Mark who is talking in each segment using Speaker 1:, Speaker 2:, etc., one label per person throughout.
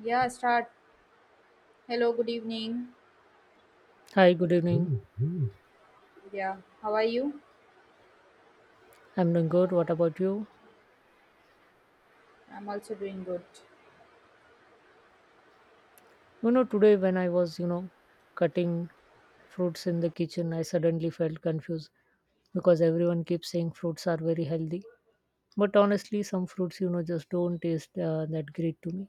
Speaker 1: Yeah, start. Hello, good evening.
Speaker 2: Hi, good evening. Mm.
Speaker 1: Yeah, how are you?
Speaker 2: I'm doing good. What about you?
Speaker 1: I'm also doing good.
Speaker 2: Today when I was, cutting fruits in the kitchen, I suddenly felt confused because everyone keeps saying fruits are very healthy. But honestly, some fruits, just don't taste that great to me.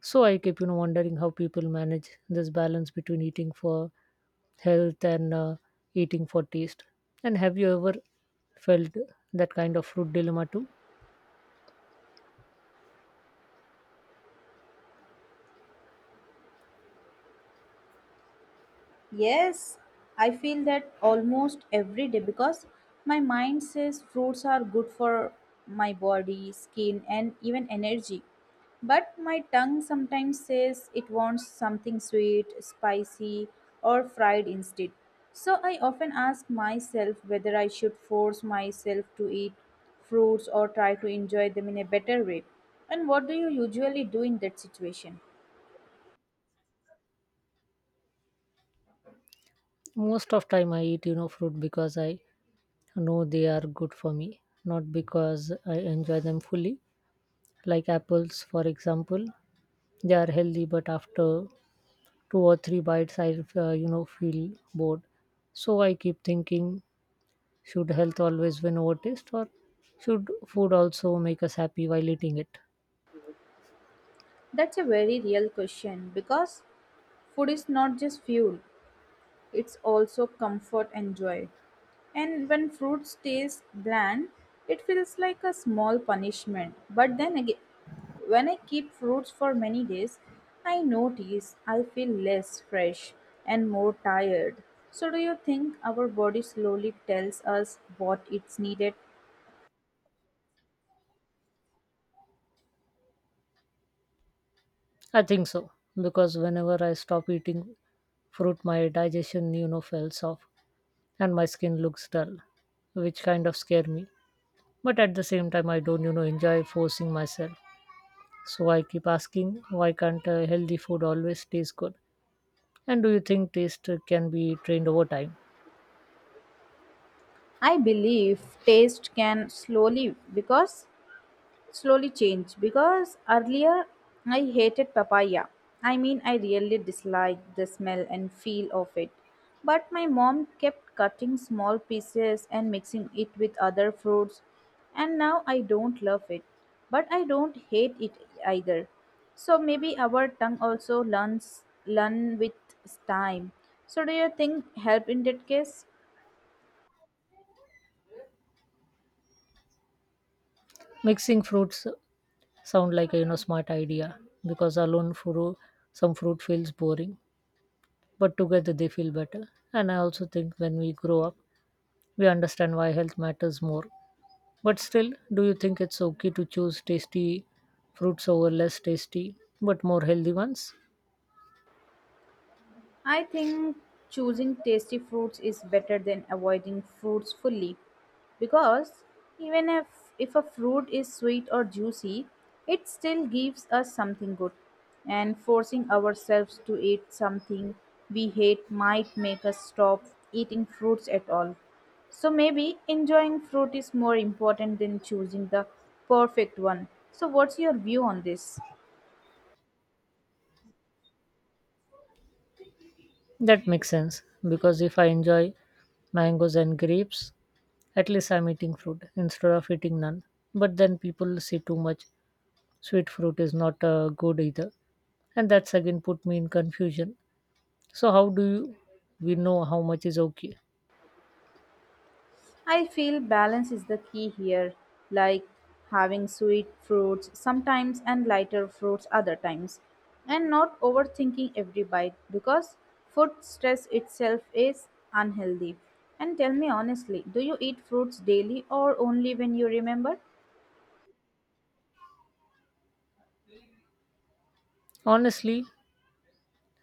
Speaker 2: So I keep, wondering how people manage this balance between eating for health and eating for taste. And have you ever felt that kind of fruit dilemma too?
Speaker 1: Yes, I feel that almost every day because my mind says fruits are good for my body, skin, and even energy. But my tongue sometimes says it wants something sweet, spicy, or fried instead. So I often ask myself whether I should force myself to eat fruits or try to enjoy them in a better way. And what do you usually do in that situation?
Speaker 2: Most of time I eat, fruit because I No, they are good for me. Not because I enjoy them fully. Like apples, for example, they are healthy, but after two or three bites, I feel bored. So I keep thinking, should health always win over taste, or should food also make us happy while eating it?
Speaker 1: That's a very real question because food is not just fuel, it's also comfort and joy. And when fruit stays bland, it feels like a small punishment. But then again, when I keep fruits for many days, I notice I feel less fresh and more tired. So, do you think our body slowly tells us what it's needed?
Speaker 2: I think so because whenever I stop eating fruit, my digestion falls off, and my skin looks dull, which kind of scare me. But at the same time, I don't enjoy forcing myself. So I keep asking, why can't healthy food always taste good? And do you think taste can be trained over time?
Speaker 1: I believe taste can because slowly changed because earlier I hated papaya. I mean, I really disliked the smell and feel of it. But my mom kept cutting small pieces and mixing it with other fruits, and now I don't love it. But I don't hate it either. So maybe our tongue also learns learn with time. So do you think help in that case?
Speaker 2: Mixing fruits sound like a smart idea because alone fruit some fruit feels boring, but together they feel better. And I also think when we grow up, we understand why health matters more. But still, do you think it's okay to choose tasty fruits over less tasty but more healthy ones?
Speaker 1: I think choosing tasty fruits is better than avoiding fruits fully because even if a fruit is sweet or juicy, it still gives us something good. And forcing ourselves to eat something we hate might make us stop eating fruits at all. So maybe enjoying fruit is more important than choosing the perfect one. So, what's your view on this?
Speaker 2: That makes sense because if I enjoy mangoes and grapes, at least I'm eating fruit instead of eating none. But then people say too much sweet fruit is not good either. And that's again put me in confusion. So how do you, we know how much is okay?
Speaker 1: I feel balance is the key here, like having sweet fruits sometimes and lighter fruits other times, and not overthinking every bite because food stress itself is unhealthy. And tell me honestly, do you eat fruits daily or only when you remember?
Speaker 2: Honestly,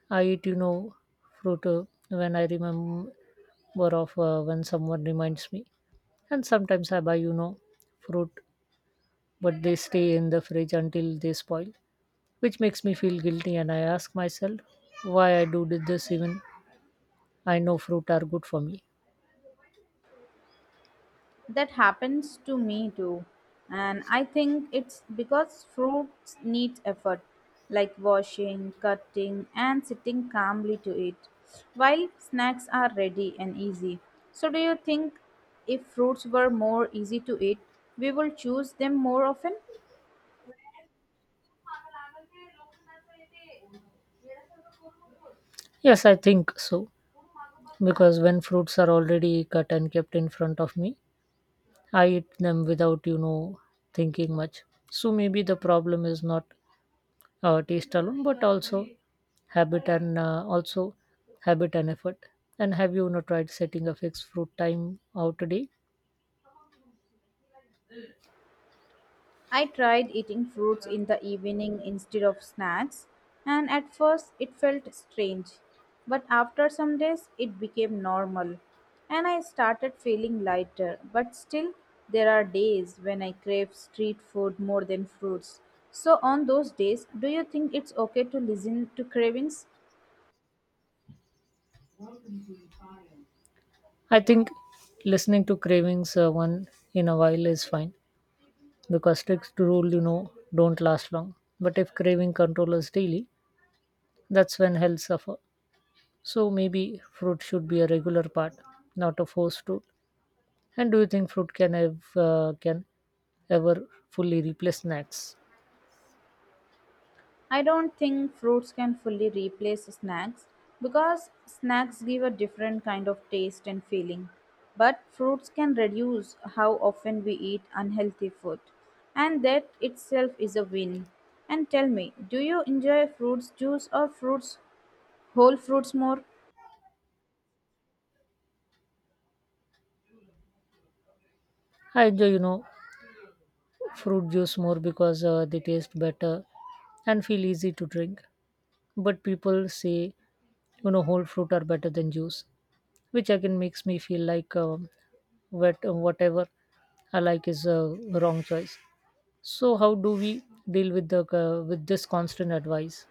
Speaker 2: I eat, fruit when I remember of when someone reminds me. And sometimes I buy, fruit, but they stay in the fridge until they spoil, which makes me feel guilty. And I ask myself why I do did this even I know fruit are good for me.
Speaker 1: That happens to me too. And I think it's because fruits need effort, like washing, cutting, and sitting calmly to eat, while snacks are ready and easy. So, do you think if fruits were more easy to eat, we will choose them more often?
Speaker 2: Yes, I think so. Because when fruits are already cut and kept in front of me, I eat them without, thinking much. So maybe the problem is not taste alone, but also habit and uh, also habit and effort. And have you not tried setting a fixed fruit time out a day?
Speaker 1: I tried eating fruits in the evening instead of snacks, and at first it felt strange. But after some days, it became normal, and I started feeling lighter. But still, there are days when I crave street food more than fruits. So, on those days, do you think it's okay to listen to cravings?
Speaker 2: I think listening to cravings one in a while is fine because strict rule, don't last long. But if craving control is daily, that's when health suffer. So maybe fruit should be a regular part, not a forced tool. And do you think fruit can ever fully replace snacks?
Speaker 1: I don't think fruits can fully replace snacks because snacks give a different kind of taste and feeling. But fruits can reduce how often we eat unhealthy food, and that itself is a win. And tell me, do you enjoy fruits juice or fruits whole fruits more?
Speaker 2: I enjoy, fruit juice more because they taste better and feel easy to drink. But people say, whole fruit are better than juice, which again makes me feel like whatever I like is a wrong choice. So how do we deal with the with this constant advice?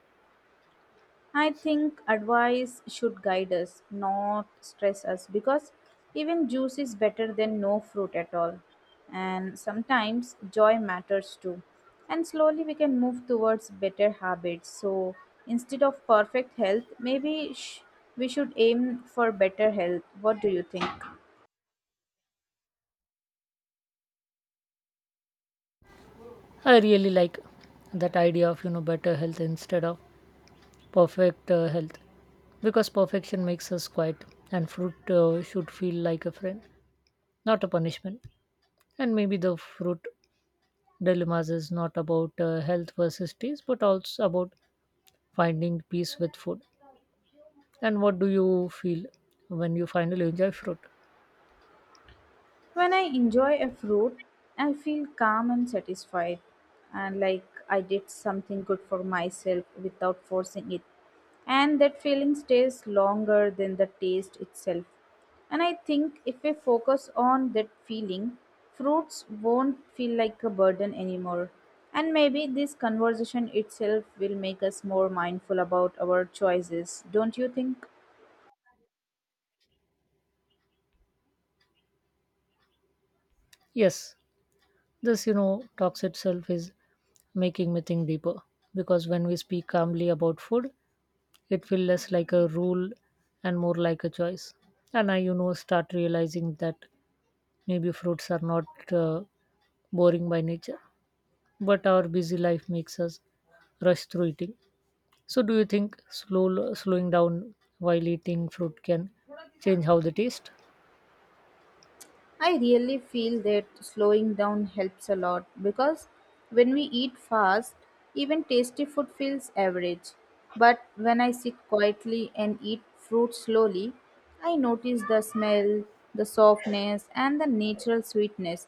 Speaker 1: I think advice should guide us, not stress us, because even juice is better than no fruit at all. And sometimes joy matters too. And slowly we can move towards better habits. So instead of perfect health, we should aim for better health. What do you think?
Speaker 2: I really like that idea of better health instead of perfect health because perfection makes us quiet and fruit should feel like a friend, not a punishment. And maybe the fruit dilemmas is not about health versus taste, but also about finding peace with food. And what do you feel when you finally enjoy fruit?
Speaker 1: When I enjoy a fruit, I feel calm and satisfied, and like I did something good for myself without forcing it. And that feeling stays longer than the taste itself. And I think if we focus on that feeling, fruits won't feel like a burden anymore. And maybe this conversation itself will make us more mindful about our choices, don't you think?
Speaker 2: Yes, this talks itself is making me think deeper because when we speak calmly about food, it feels less like a rule and more like a choice. And I, start realizing that maybe fruits are not uh, boring by nature, but our busy life makes us rush through eating. So, do you think slowing down while eating fruit can change how they taste?
Speaker 1: I really feel that slowing down helps a lot because when we eat fast, even tasty food feels average. But when I sit quietly and eat fruit slowly, I notice the smell, the softness, and the natural sweetness,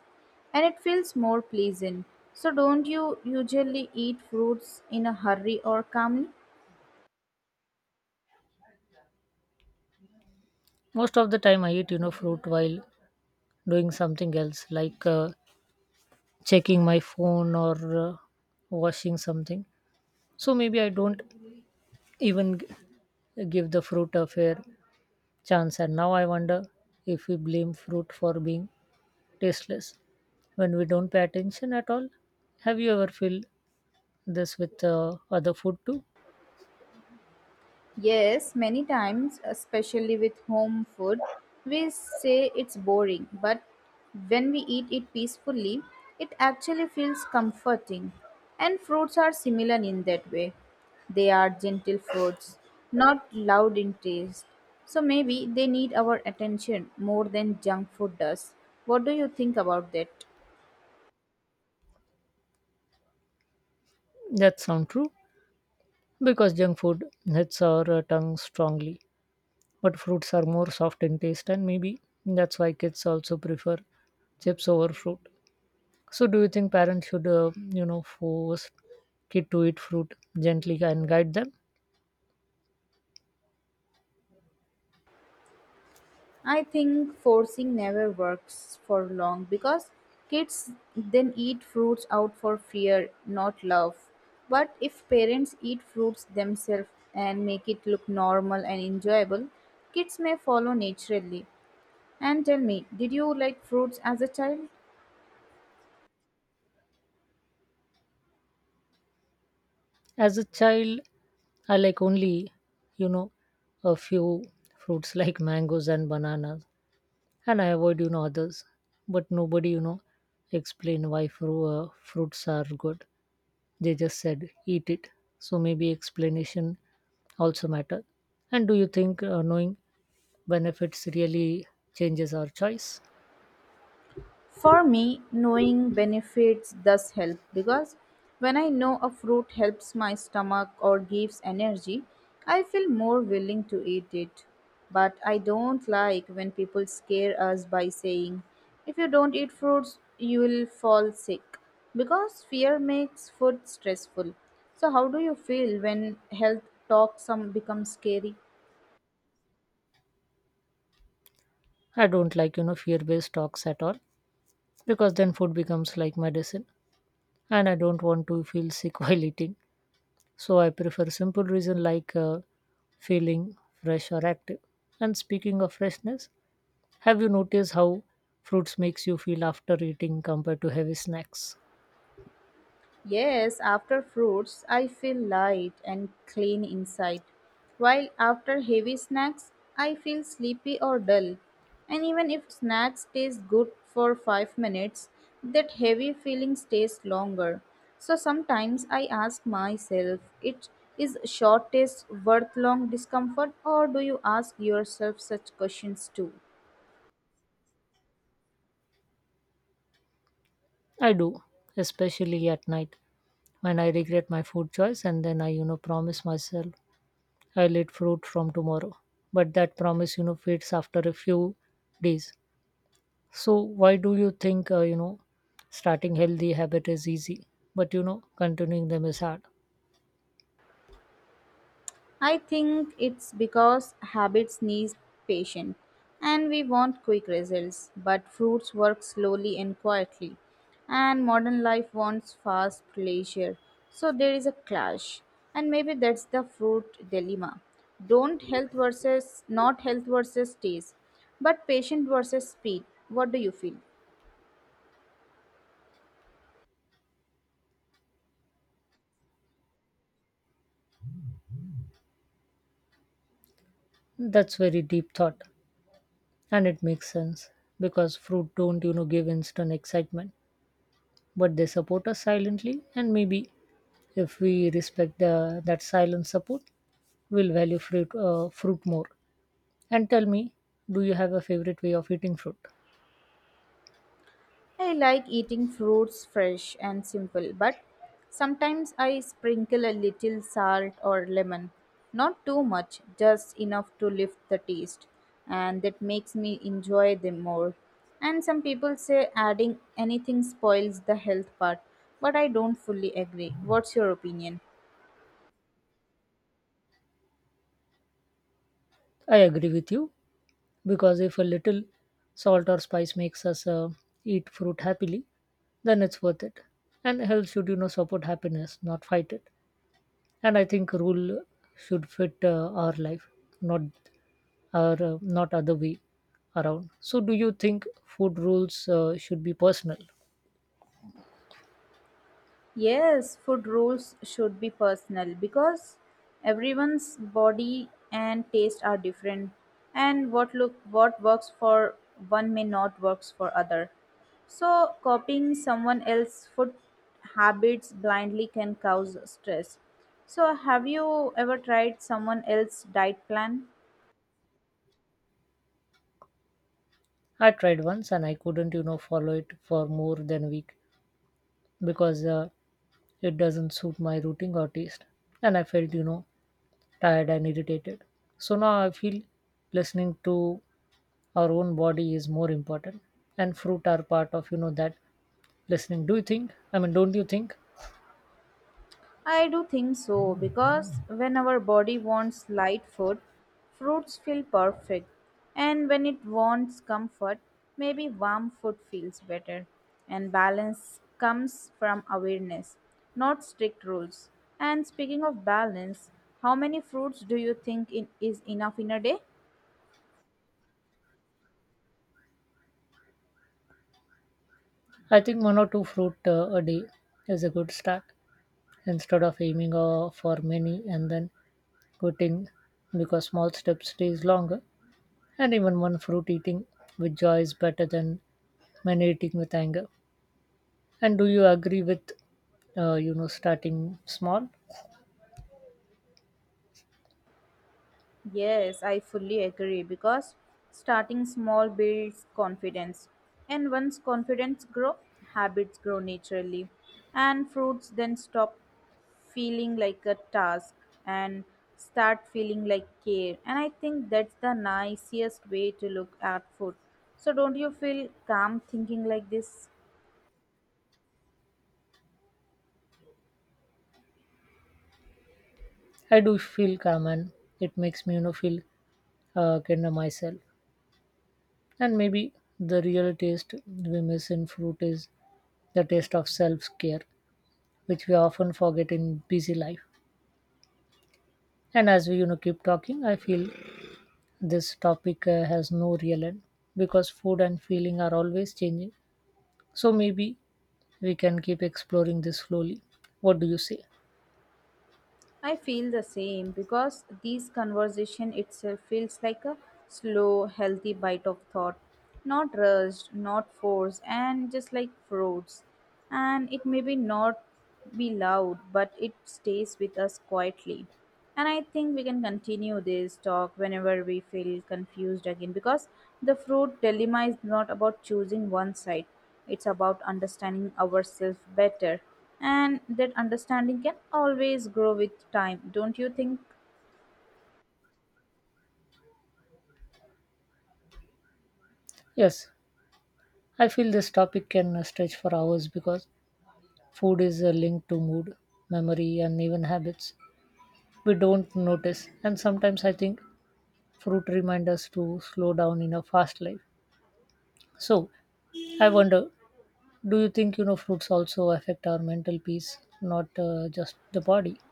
Speaker 1: and it feels more pleasant. So, don't you usually eat fruits in a hurry or calmly?
Speaker 2: Most of the time, I eat fruit while doing something else, like checking my phone or washing something. So maybe I don't even give the fruit a fair chance. And now I wonder if we blame fruit for being tasteless when we don't pay attention at all. Have you ever felt this with other food too?
Speaker 1: Yes, many times, especially with home food, we say it's boring, but when we eat it peacefully, it actually feels comforting. And fruits are similar in that way. They are gentle foods, not loud in taste. So maybe they need our attention more than junk food does. What do you think about that?
Speaker 2: That sound true because junk food hits our tongue strongly, but fruits are more soft in taste, and maybe that's why kids also prefer chips over fruit. So, do you think parents should, force kid to eat fruit gently and guide them?
Speaker 1: I think forcing never works for long because kids then eat fruits out for fear, not love. But if parents eat fruits themselves and make it look normal and enjoyable, kids may follow naturally. And tell me, did you like fruits as a child?
Speaker 2: As a child, I like only, you know, a few fruits like mangoes and bananas, and I avoid, others. But nobody, explain why fruits are good. They just said eat it. So maybe explanation also matter. And do you think knowing benefits really changes our choice?
Speaker 1: For me, knowing benefits does help because when I know a fruit helps my stomach or gives energy, I feel more willing to eat it. But I don't like when people scare us by saying, if you don't eat fruits, you will fall sick because fear makes food stressful. So, how do you feel when health talk some becomes scary?
Speaker 2: I don't like, fear-based talks at all because then food becomes like medicine, and I don't want to feel sick while eating. So I prefer simple reason like feeling fresh or active. And speaking of freshness, have you noticed how fruits makes you feel after eating compared to heavy snacks?
Speaker 1: Yes, after fruits, I feel light and clean inside, while after heavy snacks, I feel sleepy or dull. And even if snacks taste good for 5 minutes, that heavy feeling stays longer. So sometimes I ask myself, it is short taste worth long discomfort or do you ask yourself such questions too?
Speaker 2: I do, especially at night when I regret my food choice and then I promise myself I'll eat fruit from tomorrow. But that promise fades after a few days. So why do you think starting healthy habit is easy but continuing them is hard?
Speaker 1: I think it's because habits need patience and we want quick results, but fruits work slowly and quietly, and modern life wants fast pleasure. So there is a clash, and maybe that's the fruit dilemma. Don't health versus not health versus taste, but patient versus speed. What do you feel?
Speaker 2: That's very deep thought. And it makes sense because fruit don't give instant excitement, but they support us silently. And maybe if we respect that silent support, we'll value fruit more. And tell me, do you have a favorite way of eating fruit?
Speaker 1: I like eating fruits fresh and simple, but sometimes I sprinkle a little salt or lemon. Not too much, just enough to lift the taste, and that makes me enjoy them more. And some people say adding anything spoils the health part, but I don't fully agree. What's your opinion?
Speaker 2: I agree with you because if a little salt or spice makes us eat fruit happily, then it's worth it. And health should support happiness, not fight it. And I think rule should fit our life, not not other way around. So do you think food rules should be personal?
Speaker 1: Yes, food rules should be personal because everyone's body and taste are different and what works for one may not works for other. So copying someone else's food habits blindly can cause stress. So have you ever tried someone else's diet plan?
Speaker 2: I tried once and I couldn't follow it for more than a week because it doesn't suit my routine or taste, and I felt tired and irritated. So now I feel listening to our own body is more important, and fruit are part of that listening. Do you think I mean don't you think?
Speaker 1: I do think so because when our body wants light food, fruits feel perfect, and when it wants comfort, maybe warm food feels better. And balance comes from awareness, not strict rules. And speaking of balance, how many fruits do you think in, is enough in a day?
Speaker 2: I think one or two fruit a day is a good start instead of aiming for many and then quitting, because small steps stays longer. And even one fruit eating with joy is better than many eating with anger. And do you agree with starting small?
Speaker 1: Yes, I fully agree because starting small builds confidence. And once confidence grow, habits grow naturally. And fruits then stop feeling like a task and start feeling like care. And I think that's the nicest way to look at food. So don't you feel calm thinking like this?
Speaker 2: I do feel calm, and it makes me feel kinder myself. And maybe the real taste we miss in fruit is the taste of self-care, which we often forget in busy life. And as we keep talking, I feel this topic has no real end because food and feeling are always changing. So maybe we can keep exploring this slowly. What do you say?
Speaker 1: I feel the same because this conversation itself feels like a slow, healthy bite of thought, not rushed, not forced, and just like fruits. And it may be not be loud, but it stays with us quietly. And I think we can continue this talk whenever we feel confused again because the fruit dilemma is not about choosing one side, it's about understanding ourselves better. And that understanding can always grow with time, don't you think?
Speaker 2: Yes, I feel this topic can stretch for hours because food is linked to mood, memory, and even habits we don't notice. And sometimes I think fruit remind us to slow down in a fast life. So I wonder, do you think fruits also affect our mental peace, not just the body?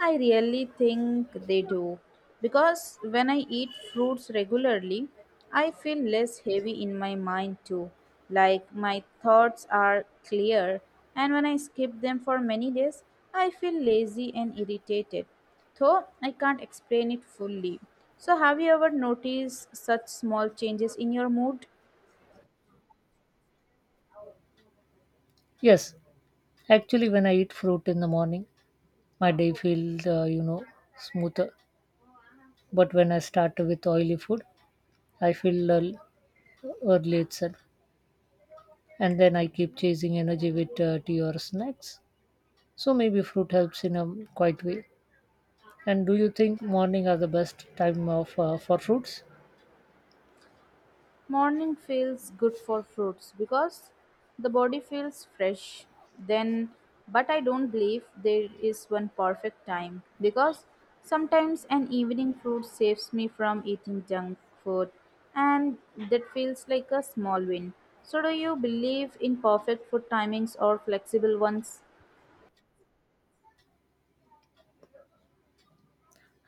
Speaker 1: I really think they do because when I eat fruits regularly, I feel less heavy in my mind too. Like my thoughts are clear, and when I skip them for many days, I feel lazy and irritated, though I can't explain it fully. So, have you ever noticed such small changes in your mood?
Speaker 2: Yes, actually, when I eat fruit in the morning, my day feels smoother. But when I start with oily food, I feel lull early itself, and then I keep chasing energy with tea or snacks. So maybe fruit helps in a quiet way. And do you think morning are the best time of for fruits?
Speaker 1: Morning feels good for fruits because the body feels fresh. Then, but I don't believe there is one perfect time because sometimes an evening fruit saves me from eating junk food and that feels like a small win. So, do you believe in perfect food timings or flexible ones?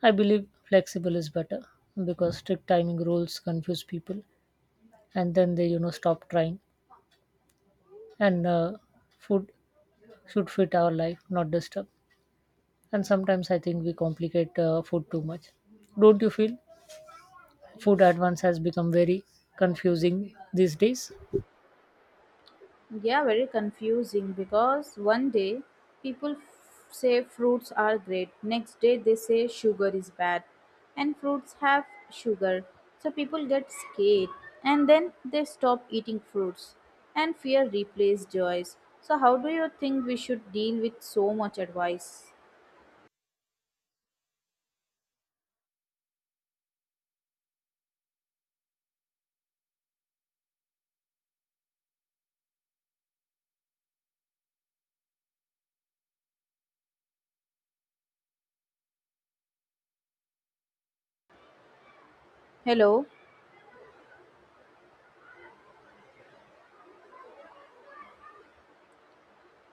Speaker 2: I believe flexible is better because strict timing rules confuse people, and then they stop trying. And food should fit our life, not disturb. And sometimes I think we complicate food too much. Don't you feel food advance has become very confusing these days?
Speaker 1: Yeah, very confusing because one day say fruits are great, next day they say sugar is bad, and fruits have sugar. So people get scared and then they stop eating fruits, and fear replaces joys. So, how do you think we should deal with so much advice? Hello?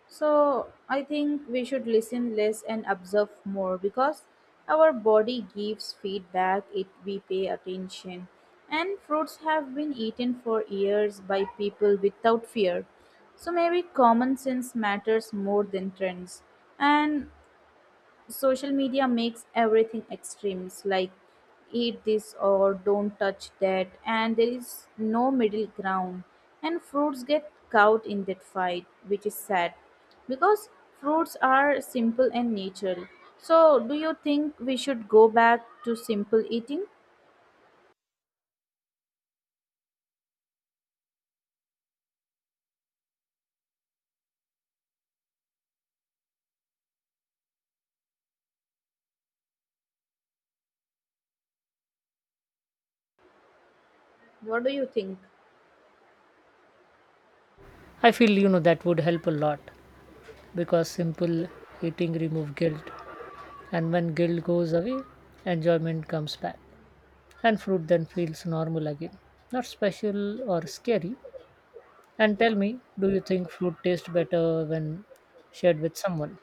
Speaker 1: So I think we should listen less and observe more because our body gives feedback if we pay attention. And fruits have been eaten for years by people without fear. So maybe common sense matters more than trends. And social media makes everything extremes like eat this or don't touch that, and there is no middle ground. And fruits get caught in that fight, which is sad because fruits are simple and natural. So, do you think we should go back to simple eating? What do you think?
Speaker 2: I feel that would help a lot because simple eating remove guilt, and when guilt goes away, enjoyment comes back. And fruit then feels normal again, not special or scary. And tell me, do you think fruit tastes better when shared with someone?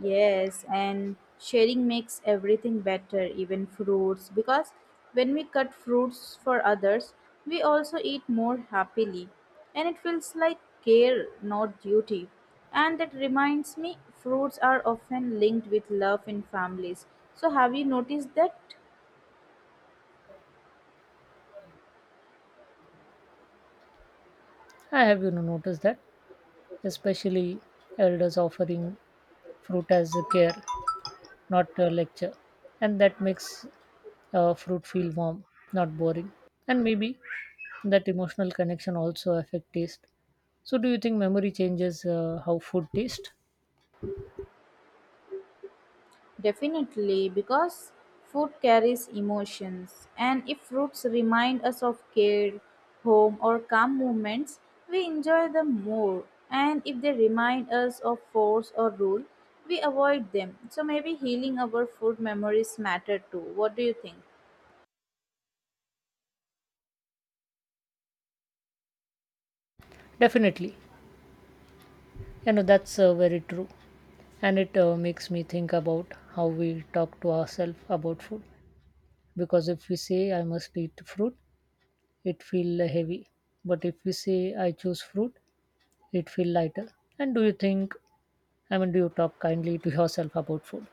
Speaker 1: Yes, and sharing makes everything better, even fruits, because when we cut fruits for others, we also eat more happily, and it feels like care, not duty. And that reminds me, fruits are often linked with love in families. So, have you noticed that?
Speaker 2: I have noticed that, especially elders offering fruit as a care, not a lecture. And that makes fruit feel warm, not boring. And maybe that emotional connection also affect taste. So do you think memory changes how food tastes?
Speaker 1: Definitely, because food carries emotions, and if roots remind us of care, home, or calm moments, we enjoy them more. And if they remind us of force or rule, we avoid them. So maybe healing our food memories matter too. What do you think?
Speaker 2: Definitely. That's very true, and it makes me think about how we talk to ourselves about food. Because if we say I must eat fruit, it feel heavy. But if we say I choose fruit, it feel lighter. And do you think? I mean, do you talk kindly to yourself about food?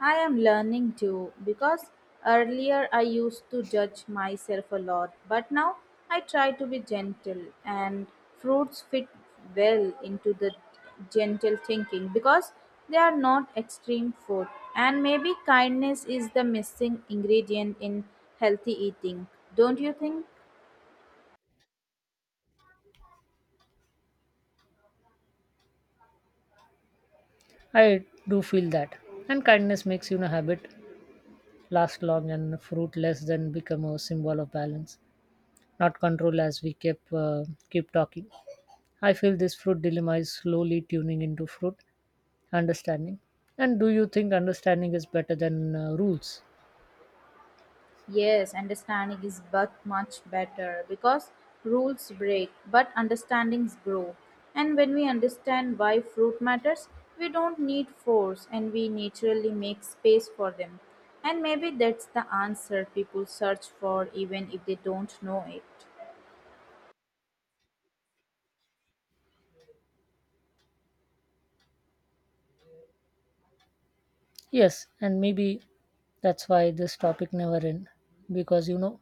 Speaker 1: I am learning too because earlier I used to judge myself a lot, but now I try to be gentle, and fruits fit well into the gentle thinking because they are not extreme food. And maybe kindness is the missing ingredient in healthy eating, don't you think?
Speaker 2: I do feel that, and kindness makes you a habit last long, and fruitless then become a symbol of balance, not control. As we keep talking, I feel this fruit dilemma is slowly tuning into fruit understanding. And do you think understanding is better than rules?
Speaker 1: Yes, understanding is but much better because rules break, but understandings grow. And when we understand why fruit matters, we don't need force and we naturally make space for them. And maybe that's the answer people search for even if they don't know it.
Speaker 2: Yes, and maybe that's why this topic never end because